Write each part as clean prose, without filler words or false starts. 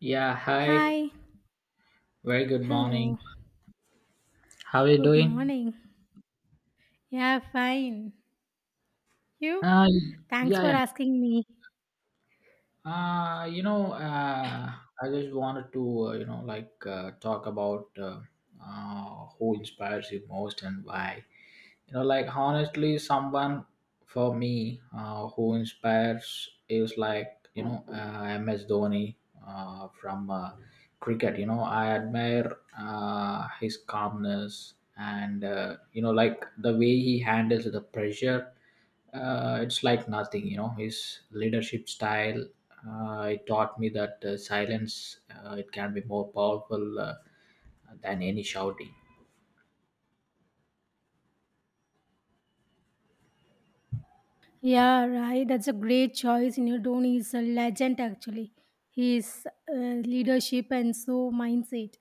Yeah, hi. Hi. Very good morning. Hello. How are you Good doing? morning. Yeah, fine. You? Uh, Thanks yeah, for yeah. asking me. Uh, you know, uh, I just wanted to, like talk about who inspires you most and why. Like, honestly, someone for me, who inspires is, like, MS Dhoni, from cricket. I admire his calmness and, like, the way he handles the pressure. It's like nothing, his leadership style. It taught me that silence, it can be more powerful than any shouting. Yeah, right. That's a great choice. You know, Dhoni is a legend actually. His leadership and so mindset.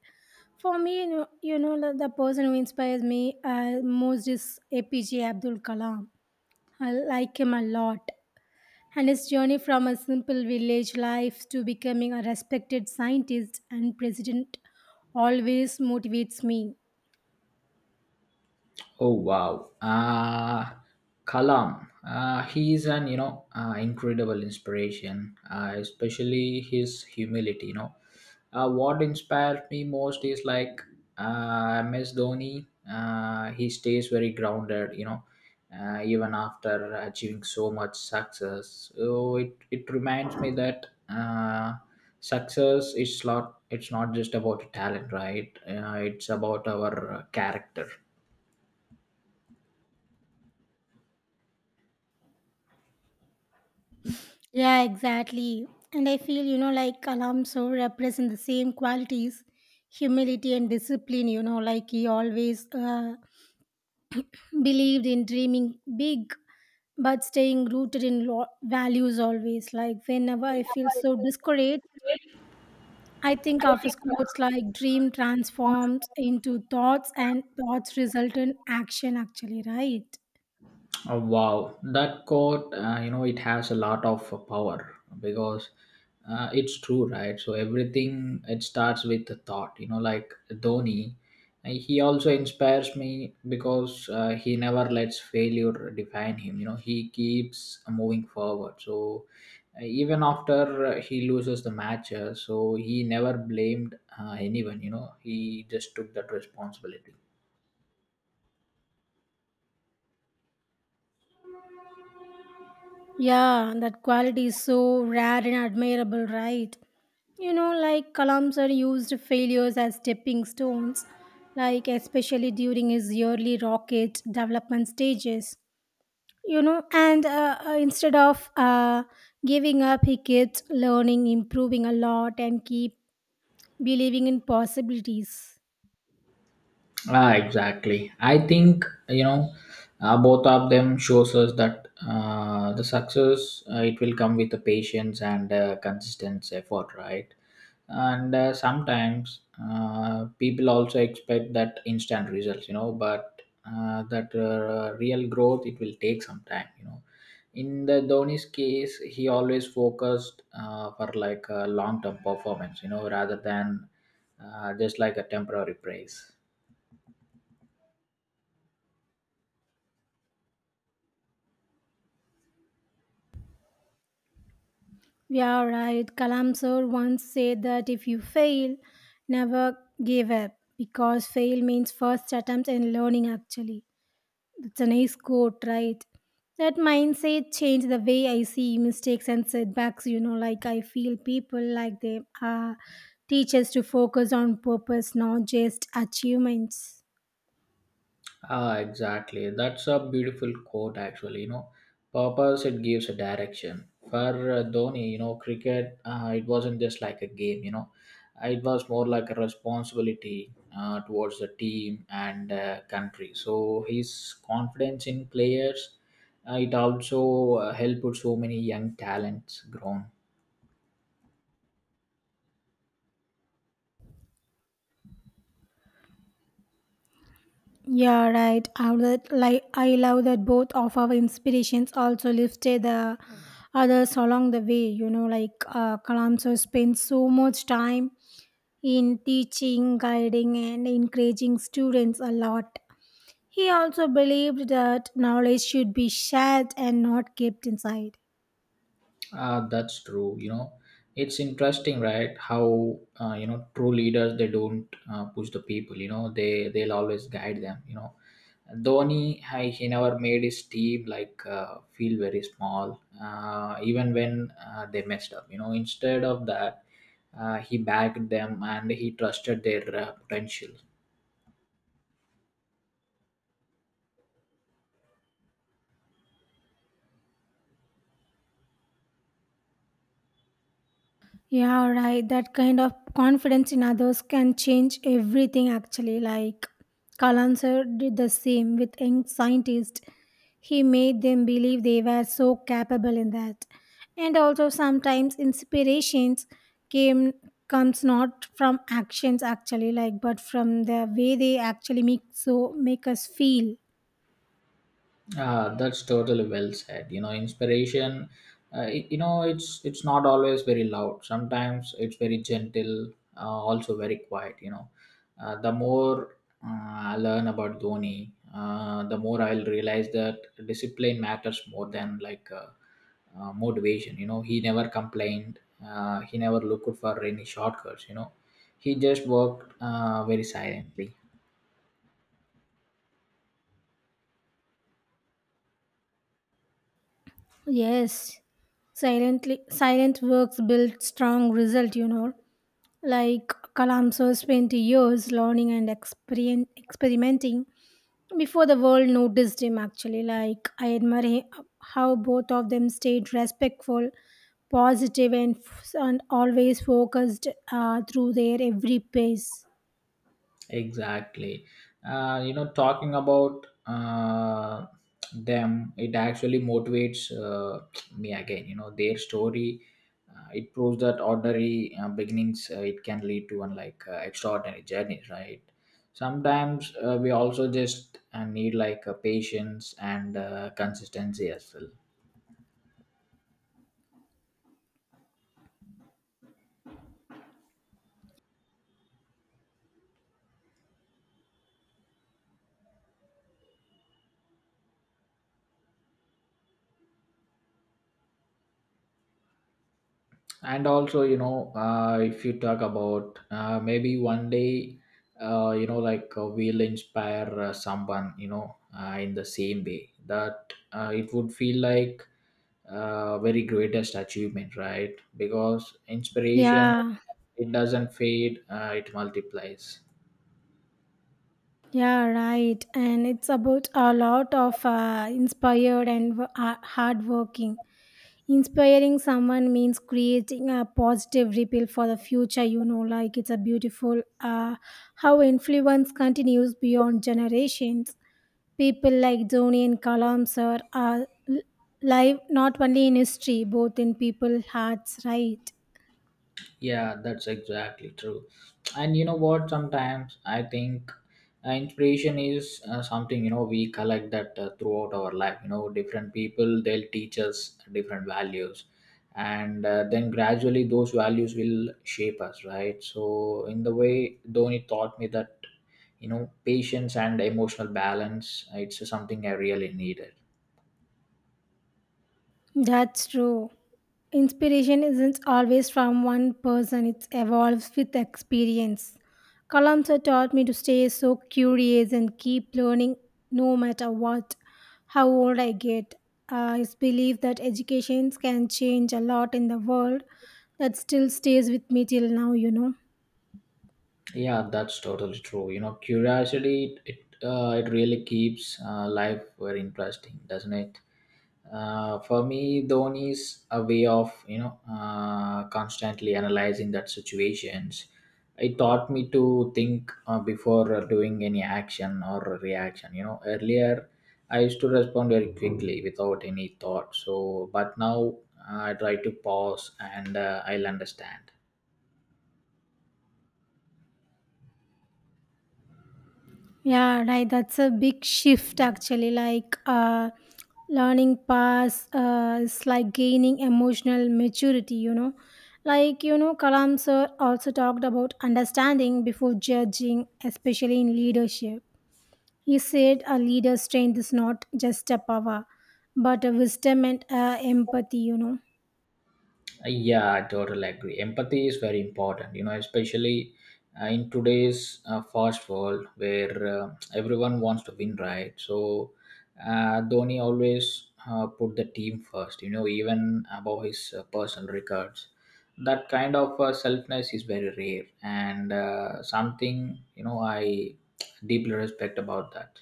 For me, you know the person who inspires me most is APJ Abdul Kalam. I like him a lot. And his journey from a simple village life to becoming a respected scientist and president always motivates me. Oh, wow, Kalam. He is an, incredible inspiration, especially his humility. What inspired me most is like MS Dhoni. He stays very grounded. Even after achieving so much success. So it reminds me that, success is not, it's not just about talent, right? It's about our character. Yeah, exactly. And I feel, you know, like Alonso represent the same qualities, humility and discipline, you know, like he always believed in dreaming big but staying rooted in values always. Like whenever I feel so discouraged, I think of his quotes like dream transforms into thoughts and thoughts result in action, actually, right? Oh, wow, that quote, it has a lot of power because, it's true, right? So everything it starts with the thought. You know, like Dhoni, he also inspires me because he never lets failure define him. You know, he keeps moving forward. So, even after, he loses the match, so he never blamed anyone. You know, he just took that responsibility. Yeah, that quality is so rare and admirable, right? You know, like Kalam sir used failures as stepping stones, like especially during his early rocket development stages. You know, and instead of giving up, he kept learning, improving a lot, and keep believing in possibilities. Ah, exactly. I think you know both of them shows us that, the success, it will come with the patience and consistent effort, right? And sometimes people also expect that instant results, you know, but that real growth it will take some time, you know. In the Dhoni's case, he always focused, for like a long-term performance, you know, rather than just like a temporary praise. Yeah, right. Kalam sir once said that if you fail, never give up because fail means first attempt in learning, actually. That's a nice quote, right? That mindset changed the way I see mistakes and setbacks. You know, like I feel people like they are teachers to focus on purpose, not just achievements. Ah, exactly. That's a beautiful quote, actually. You know, purpose it gives a direction. For Dhoni, you know, cricket, it wasn't just like a game. You know, it was more like a responsibility towards the team and, country. So his confidence in players, it also helped so many young talents grown. Yeah, right. I love that, like I love that both of our inspirations also lifted the others along the way. You know, like Kalamso spent so much time in teaching, guiding, and encouraging students a lot. He also believed that knowledge should be shared and not kept inside. That's true. You know, it's interesting, right? How true leaders, they don't push the people. You know, they'll always guide them. You know, Dhoni I, he never made his team, like, feel very small, even when they messed up. You know, instead of that, he backed them and he trusted their potential. Yeah, right. That kind of confidence in others can change everything actually. Like Kalanser did the same with young scientists. He made them believe they were so capable in that. And also sometimes inspirations came comes not from actions actually like but from the way they actually make us feel. Ah, that's totally well said. You know, inspiration. You know, it's not always very loud. Sometimes it's very gentle, also very quiet. The more, I learn about Dhoni, the more I'll realize that discipline matters more than like, motivation. You know, he never complained. He never looked for any shortcuts. You know, he just worked very silently. Yes. Silently silent works build strong result, you know. Like Kalamso spent years learning and experimenting before the world noticed him actually like I admire how both of them stayed respectful positive and, and always focused through their every pace. Exactly. Talking about them, it actually motivates me again. You know, their story, it proves that ordinary beginnings, it can lead to unlike extraordinary journeys, right? Sometimes we also just need like patience and consistency as well. And also, if you talk about, maybe one day, like, we'll inspire someone, in the same way, that it would feel like very greatest achievement, right? Because inspiration, Yeah. it doesn't fade, it multiplies. Yeah, right. And it's about a lot of inspired and hard. Inspiring someone means creating a positive ripple for the future, you know, like it's a beautiful how influence continues beyond generations. People like Dhoni and Kalam sir are live not only in history, both in people's hearts, right? Yeah, that's exactly true. And you know what? Sometimes I think inspiration is, something, we collect that throughout our life. You know, different people, they'll teach us different values, and then gradually those values will shape us, right? So in the way, Dhoni taught me that, patience and emotional balance. It's something I really needed. That's true. Inspiration isn't always from one person, it evolves with experience. Kalamsa taught me to stay so curious and keep learning no matter what, how old I get. I believe that education can change a lot in the world that still stays with me till now, you know. Yeah, that's totally true. You know, curiosity it really keeps life very interesting, doesn't it? For me, Dhoni is a way of, constantly analyzing that situations. It taught me to think, before doing any action or reaction. You know, earlier I used to respond very quickly without any thought. So, but now, I try to pause and, I'll understand. Yeah, right. That's a big shift actually. Like learning pass is like gaining emotional maturity, you know. Like, you know, Kalam sir also talked about understanding before judging, especially in leadership. He said a leader's strength is not just a power, but a wisdom and empathy, you know. Yeah, I totally agree. Empathy is very important, you know, especially in today's fast world where everyone wants to win, right? So, Dhoni always, put the team first, you know, even above his personal records. That kind of selfness is very rare and something, you know, I deeply respect about that.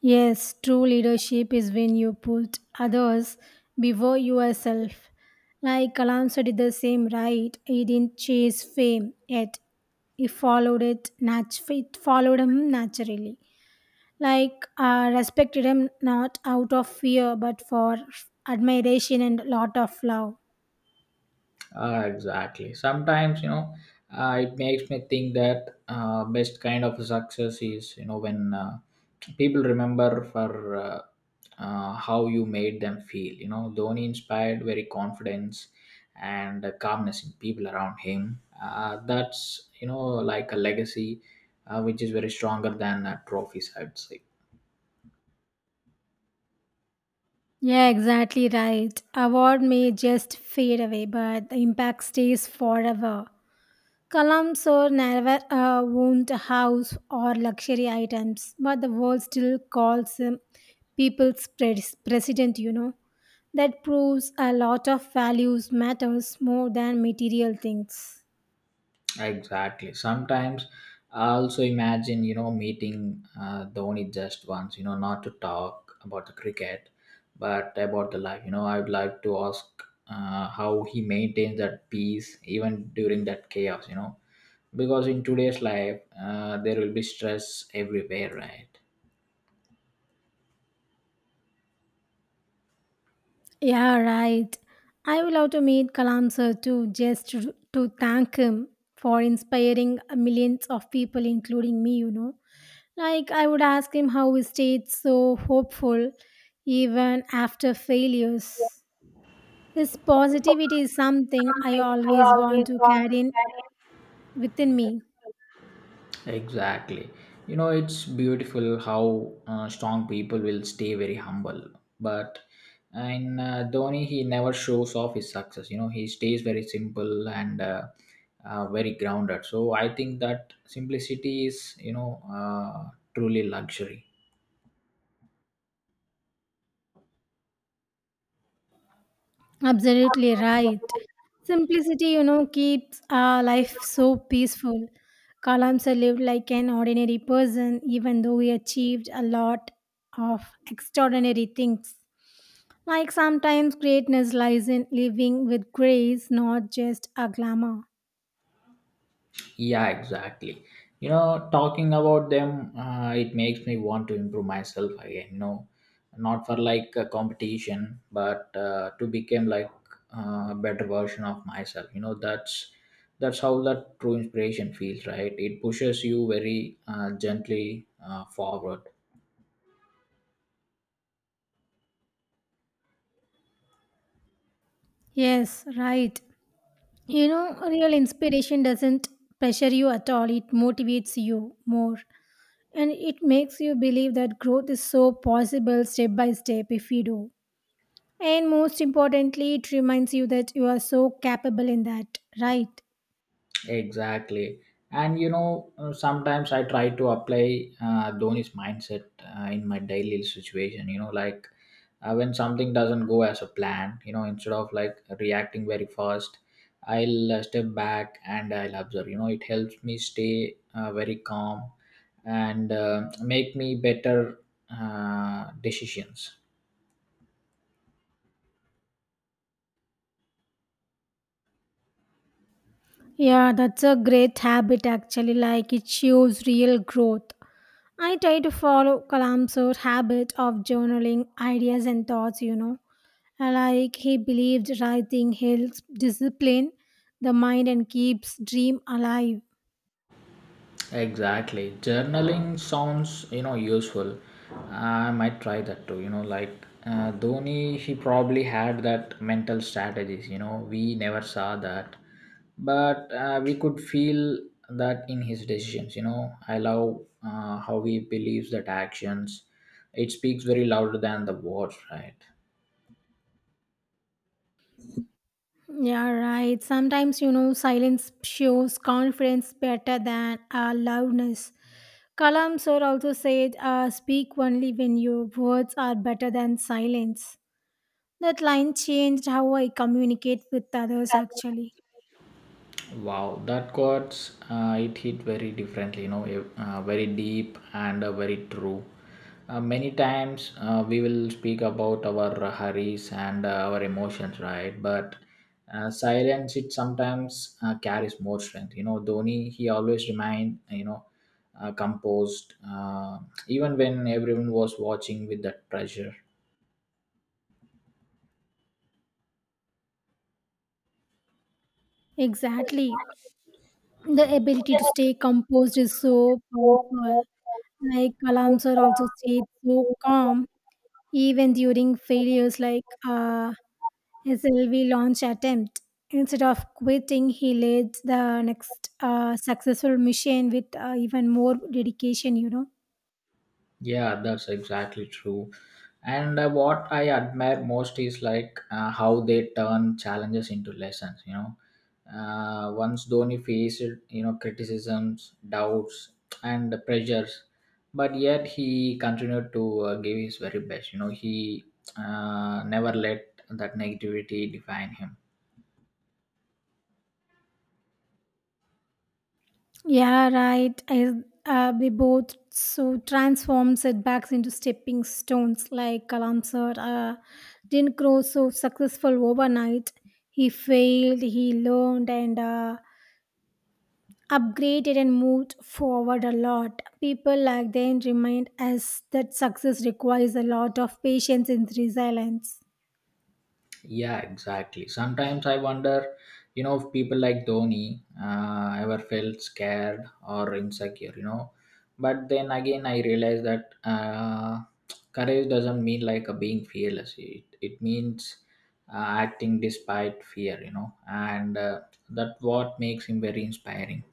Yes, true leadership is when you put others before yourself. Like Kalamsa did the same, right? He didn't chase fame yet. He followed it, it followed him naturally. Like respected him not out of fear but for admiration and lot of love. Exactly. Sometimes, you know, it makes me think that best kind of success is, you know, when people remember for, how you made them feel. You know, Dhoni inspired very confidence and calmness in people around him. That's, you know, like a legacy, which is very stronger than trophies, I'd say. Yeah, exactly right. Award may just fade away, but the impact stays forever. Kalam Sir never owned a house or luxury items, but the world still calls him people's president, you know. That proves a lot of values matters more than material things. Exactly. Sometimes I also imagine, you know, meeting Dhoni just once, you know, not to talk about the cricket, but about the life. You know, I would like to ask how he maintains that peace even during that chaos, you know, because in today's life, there will be stress everywhere, right? Yeah, right. I will love to meet Kalam Sir too, just to thank him for inspiring millions of people, including me, you know. Like, I would ask him how he stayed so hopeful even after failures. His positivity is something I always want to carry in within me. Exactly. You know, it's beautiful how strong people will stay very humble. But in, Dhoni, he never shows off his success. You know, he stays very simple and, very grounded. So I think that simplicity is, you know, truly luxury. Absolutely right. Simplicity, you know, keeps our life so peaceful. Kalamsa lived like an ordinary person, even though he achieved a lot of extraordinary things. Like sometimes greatness lies in living with grace, not just a glamour. Yeah, exactly. You know, talking about them, it makes me want to improve myself again. You know, not for like a competition, but to become like a better version of myself. You know, that's how that true inspiration feels, right? It pushes you very gently forward. Yes, right. You know, real inspiration doesn't pressure you at all, it motivates you more. And it makes you believe that growth is so possible step by step if you do. And most importantly, it reminds you that you are so capable in that, right? Exactly. And you know, sometimes I try to apply Dhoni's mindset in my daily situation. You know, like when something doesn't go as a plan, you know, instead of like reacting very fast, I'll, step back and I'll observe. You know, it helps me stay very calm and make me better decisions. Yeah, that's a great habit actually, like it shows real growth. I try to follow Kalamsur's habit of journaling ideas and thoughts, you know. Like he believed writing helps discipline the mind and keeps dream alive. Exactly. Journaling sounds, you know, useful. I might try that too. You know, like Dhoni, he probably had that mental strategies. You know, we never saw that, but we could feel that in his decisions. You know, I love how he believes that actions. It speaks very louder than the words, right? Yeah, right. Sometimes, you know, silence shows confidence better than loudness. Kalam sir also said, speak only when your words are better than silence. That line changed how I communicate with others actually. Wow, that quotes, it hit very differently, you know, very deep and very true. Many times we will speak about our hurries and our emotions, right? But silence it sometimes carries more strength. You know, Dhoni he always remained, you know, composed, even when everyone was watching with that pressure. Exactly. The ability to stay composed is so powerful. Like Kalam sir also stayed so calm even during failures like SLV launch attempt. Instead of quitting, he led the next successful mission with even more dedication, you know. Yeah, that's exactly true. And what I admire most is like how they turn challenges into lessons. You know, once Dhoni faced, criticisms, doubts, and the pressures, but yet he continued to give his very best. You know, he, never let that negativity define him. Yeah, right. I, they both so transform setbacks into stepping stones. Like Kalam sir didn't grow so successful overnight. He failed, he learned, and upgraded and moved forward a lot. People like them remind us that success requires a lot of patience and resilience. Yeah, exactly. Sometimes I wonder, you know, if people like Dhoni ever felt scared or insecure, you know. But then again, I realize that courage doesn't mean like a being fearless. It means acting despite fear, you know, and that what makes him very inspiring.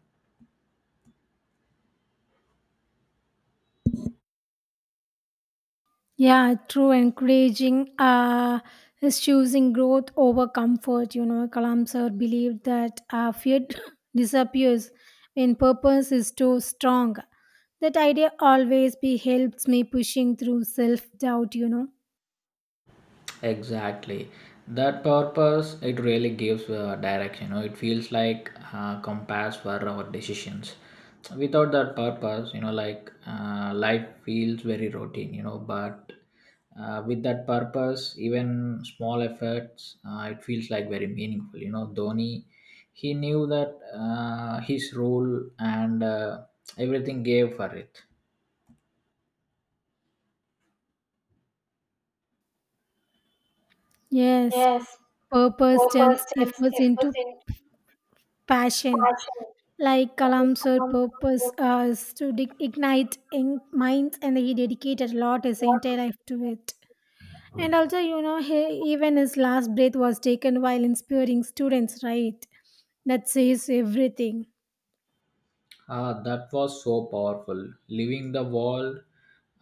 Yeah, true. Encouraging is choosing growth over comfort. You know, Kalam sir believed that fear disappears when purpose is too strong. That idea always be helps me pushing through self doubt. You know, Exactly. That purpose, it really gives direction. You know, it feels like, compass for our decisions. Without that purpose, you know, like life feels very routine. You know, but with that purpose, even small efforts, it feels like very meaningful. You know, Dhoni, he knew that his role and everything gave for it. yes, purpose turns efforts into passion. Like Kalam's purpose is to dig ignite in minds, and he dedicated a lot his entire life to it. And also, you know, he, even his last breath was taken while inspiring students, right? That says everything. That was so powerful. Leaving the world,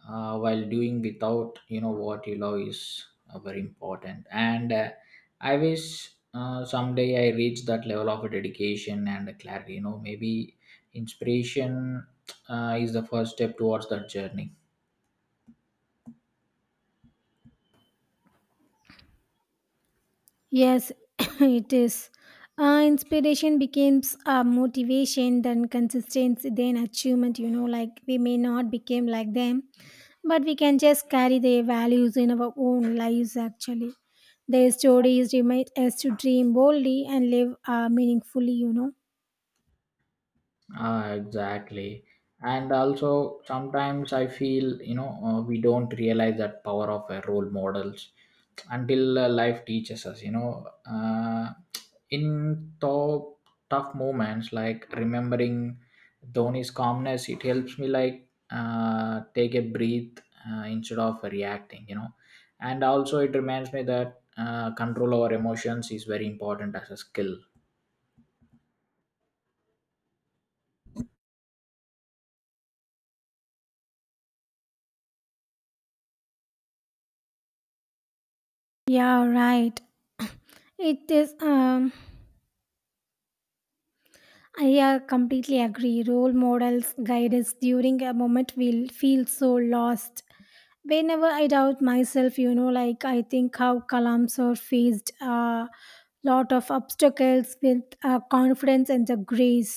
while doing without, you know, what you love is very important. And, I wish someday I reach that level of dedication and clarity. You know, maybe inspiration is the first step towards that journey. Yes, it is. Inspiration becomes a motivation, then consistency, then achievement. You know, like we may not become like them, but we can just carry their values in our own lives. Actually, their stories remind us to dream boldly and live meaningfully. You know. Ah, exactly. And also, sometimes I feel, you know, we don't realize that power of role models until life teaches us, you know. In tough, tough moments, like remembering Dhoni's calmness, it helps me, like, take a breath instead of reacting, you know. And also, it reminds me that control over emotions is very important as a skill. Yeah, right. It is. I completely agree. Role models guide us during a moment we feel so lost. Whenever I doubt myself, you know, like I think how Kalamsor faced a lot of obstacles with confidence and the grace.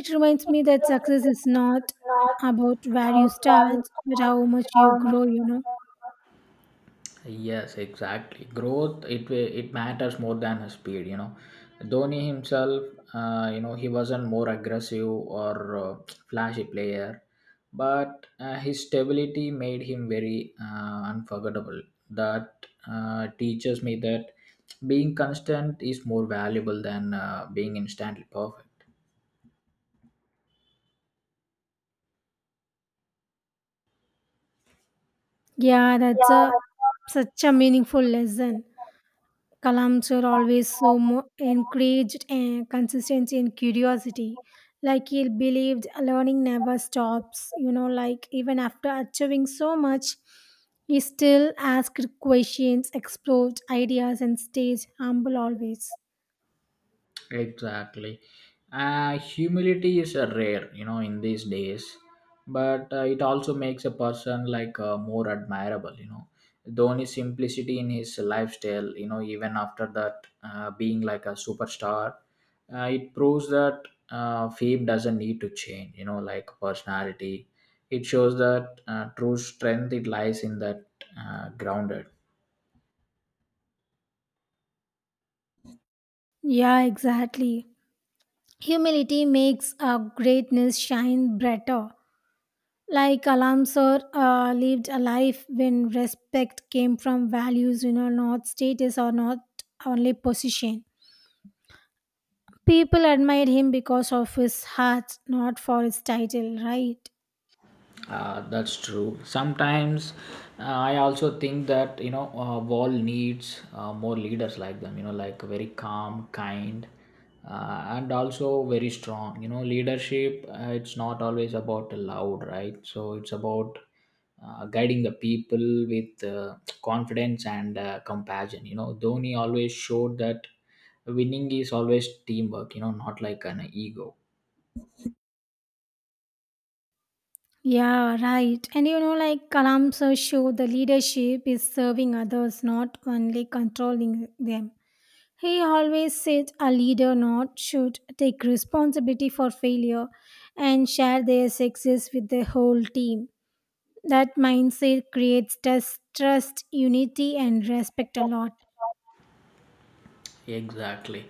It reminds me that success is not about where you start but how much you grow, you know. Yes, exactly. Growth it matters more than his speed. You know, Dhoni himself, he wasn't more aggressive or flashy player, but his stability made him very unforgettable. That teaches me that being constant is more valuable than being instantly perfect. Yeah, that's a such a meaningful lesson. Kalams are always so encouraged and consistency and curiosity. Like he believed learning never stops. You know, like even after achieving so much, he still asked questions, explored ideas, and stayed humble always. Exactly. Humility is a rare in these days, but it also makes a person like more admirable. Dhoni's simplicity in his lifestyle, even after that being like a superstar, it proves that fame doesn't need to change, like personality. It shows that true strength, it lies in that grounded. Yeah, exactly. Humility makes greatness shine brighter. Like Alamsor lived a life when respect came from values, you know, not status or not only position. People admire him because of his heart, not for his title, right? That's true. Sometimes I also think that Wall needs more leaders like them. You know, like very calm, kind, and also very strong. You know, leadership. It's not always about loud, right? So it's about guiding the people with confidence and compassion. You know, Dhoni always showed that winning is always teamwork. You know, not like an ego. Yeah, right. And you know, like Kalamsa show, the leadership is serving others, not only controlling them. He always said a leader not should take responsibility for failure and share their success with the whole team. That mindset creates trust, unity, and respect a lot. Exactly.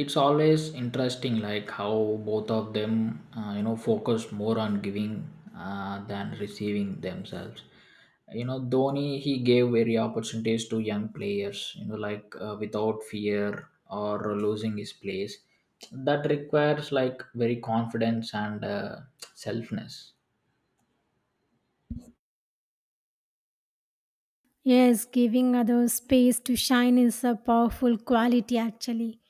It's always interesting like how both of them, you know, focused more on giving than receiving themselves. You know, Dhoni, he gave very opportunities to young players, like without fear or losing his place. That requires like very confidence and selfness. Yes, giving others space to shine is a powerful quality actually.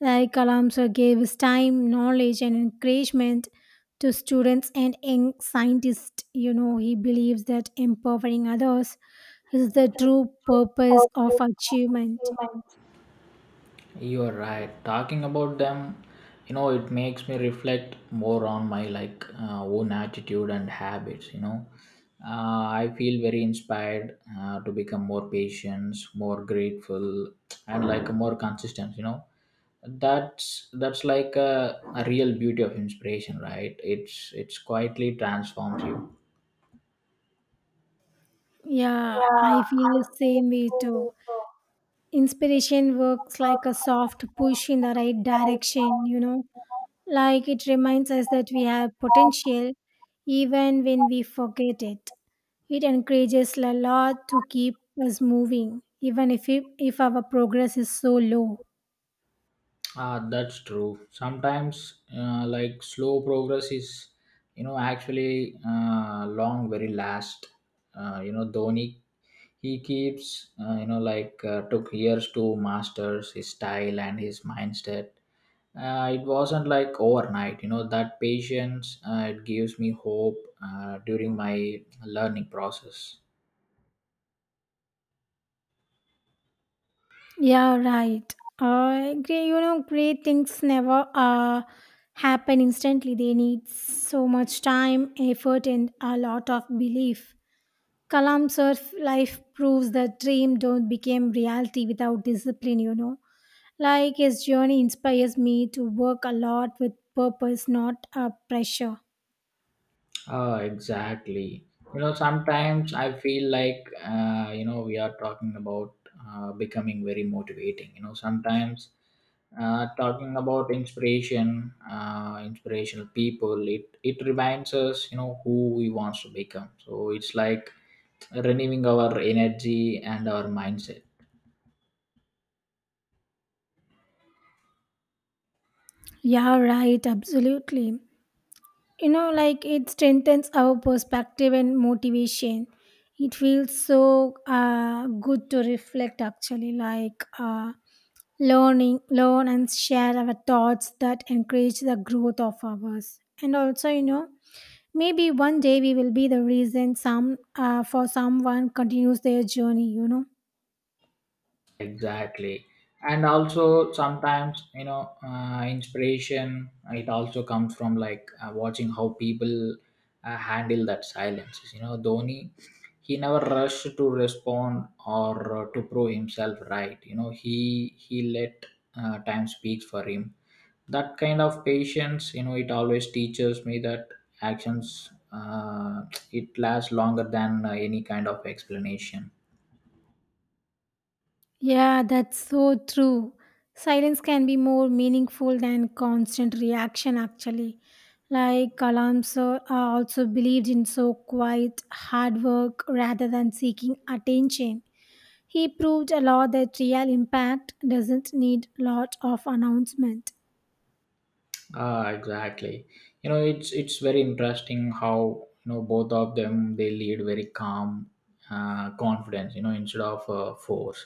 Like Kalamsa gave time, knowledge, and encouragement to students and young scientists. You know, he believes that empowering others is the true purpose of achievement. You are right. Talking about them, you know, it makes me reflect more on my like own attitude and habits. You know, uh, I feel very inspired to become more patient, more grateful, and like more consistent. You know, that's like a real beauty of inspiration, right? It's quietly transforms you. Yeah, I feel the same way too. Inspiration works like a soft push in the right direction, you know. Like it reminds us that we have potential even when we forget it. It encourages a lot to keep us moving, even if, it, if our progress is so low. Ah, that's true. Sometimes, like slow progress is, you know, actually long, very last. You know, Dhoni, he keeps, you know, like took years to masters his style and his mindset. It wasn't like overnight. You know, that patience, it gives me hope during my learning process. Yeah, right. I agree. You know, great things never happen instantly. They need so much time, effort, and a lot of belief. Kalam Surf life proves that dream don't become reality without discipline, you know. Like his journey inspires me to work a lot with purpose, not a pressure. Oh, exactly. You know, sometimes I feel like, you know, we are talking about becoming very motivating. You know, sometimes talking about inspiration, inspirational people, it reminds us, you know, who we want to become. So it's like renewing our energy and our mindset. Yeah, right, absolutely. You know, like it strengthens our perspective and motivation. It feels so good to reflect actually, like learn and share our thoughts that encourage the growth of ours. And also, you know, maybe one day we will be the reason some for someone continues their journey, you know. Exactly. And also sometimes, you know, inspiration, it also comes from like watching how people handle that silence. You know, Dhoni, he never rushed to respond or to prove himself right. You know, he let time speaks for him. That kind of patience, you know, it always teaches me that actions, it lasts longer than any kind of explanation. Yeah, that's so true. Silence can be more meaningful than constant reaction, actually. Like Kalams also believed in so quiet, hard work rather than seeking attention. He proved a lot that real impact doesn't need lot of announcement. Ah, exactly. You know, it's very interesting how, you know, both of them, they lead very calm, confidence. You know, instead of force.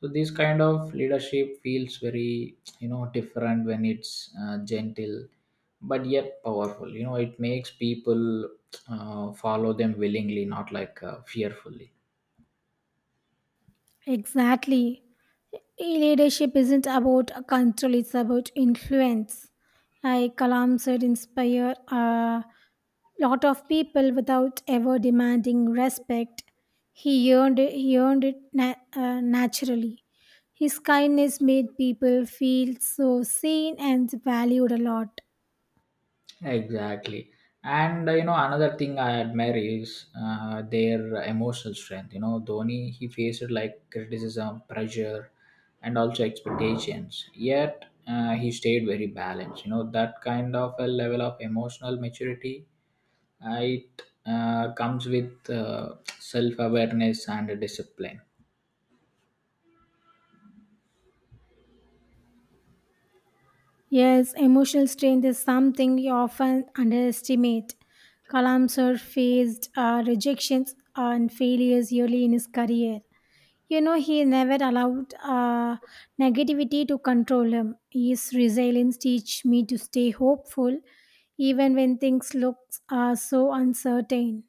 So this kind of leadership feels very, you know, different when it's gentle, but yet powerful. You know, it makes people follow them willingly, not like fearfully. Exactly. Leadership isn't about control, it's about influence. Like Kalam said, inspire. Lot of people without ever demanding respect. He earned it naturally. His kindness made people feel so seen and valued a lot. Exactly. And you know, another thing I admire is their emotional strength. You know, Dhoni, he faced like criticism, pressure, and also expectations. Yet, he stayed very balanced. You know, that kind of a level of emotional maturity, it comes with self awareness and discipline. Yes, emotional strength is something we often underestimate. Kalam sir faced rejections and failures early in his career. You know, he never allowed negativity to control him. His resilience teach me to stay hopeful even when things look so uncertain.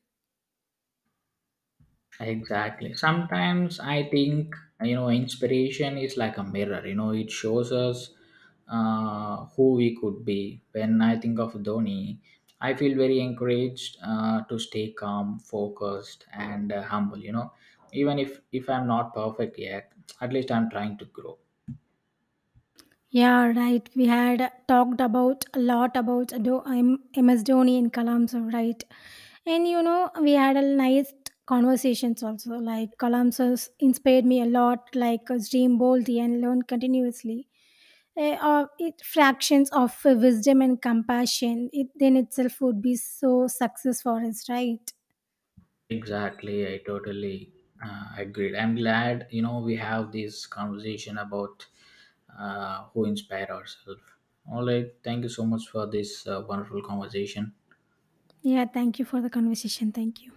Exactly. Sometimes I think, you know, inspiration is like a mirror. You know, it shows us who we could be. When I think of Dhoni, I feel very encouraged to stay calm, focused, and humble. You know, even if I'm not perfect yet, at least I'm trying to grow. Yeah, right. We had talked about a lot about MS Dhoni and Kalam, sir, right? And you know, we had a nice conversations also. Like Kalam sir's inspired me a lot, like dream boldly and learn continuously. Eh, or it fractions of wisdom and compassion it then itself would be so success for us, right? Exactly, I totally agreed. I'm glad, you know, we have this conversation about who inspire ourselves. All right, thank you so much for this wonderful conversation. Yeah, thank you for the conversation. Thank you.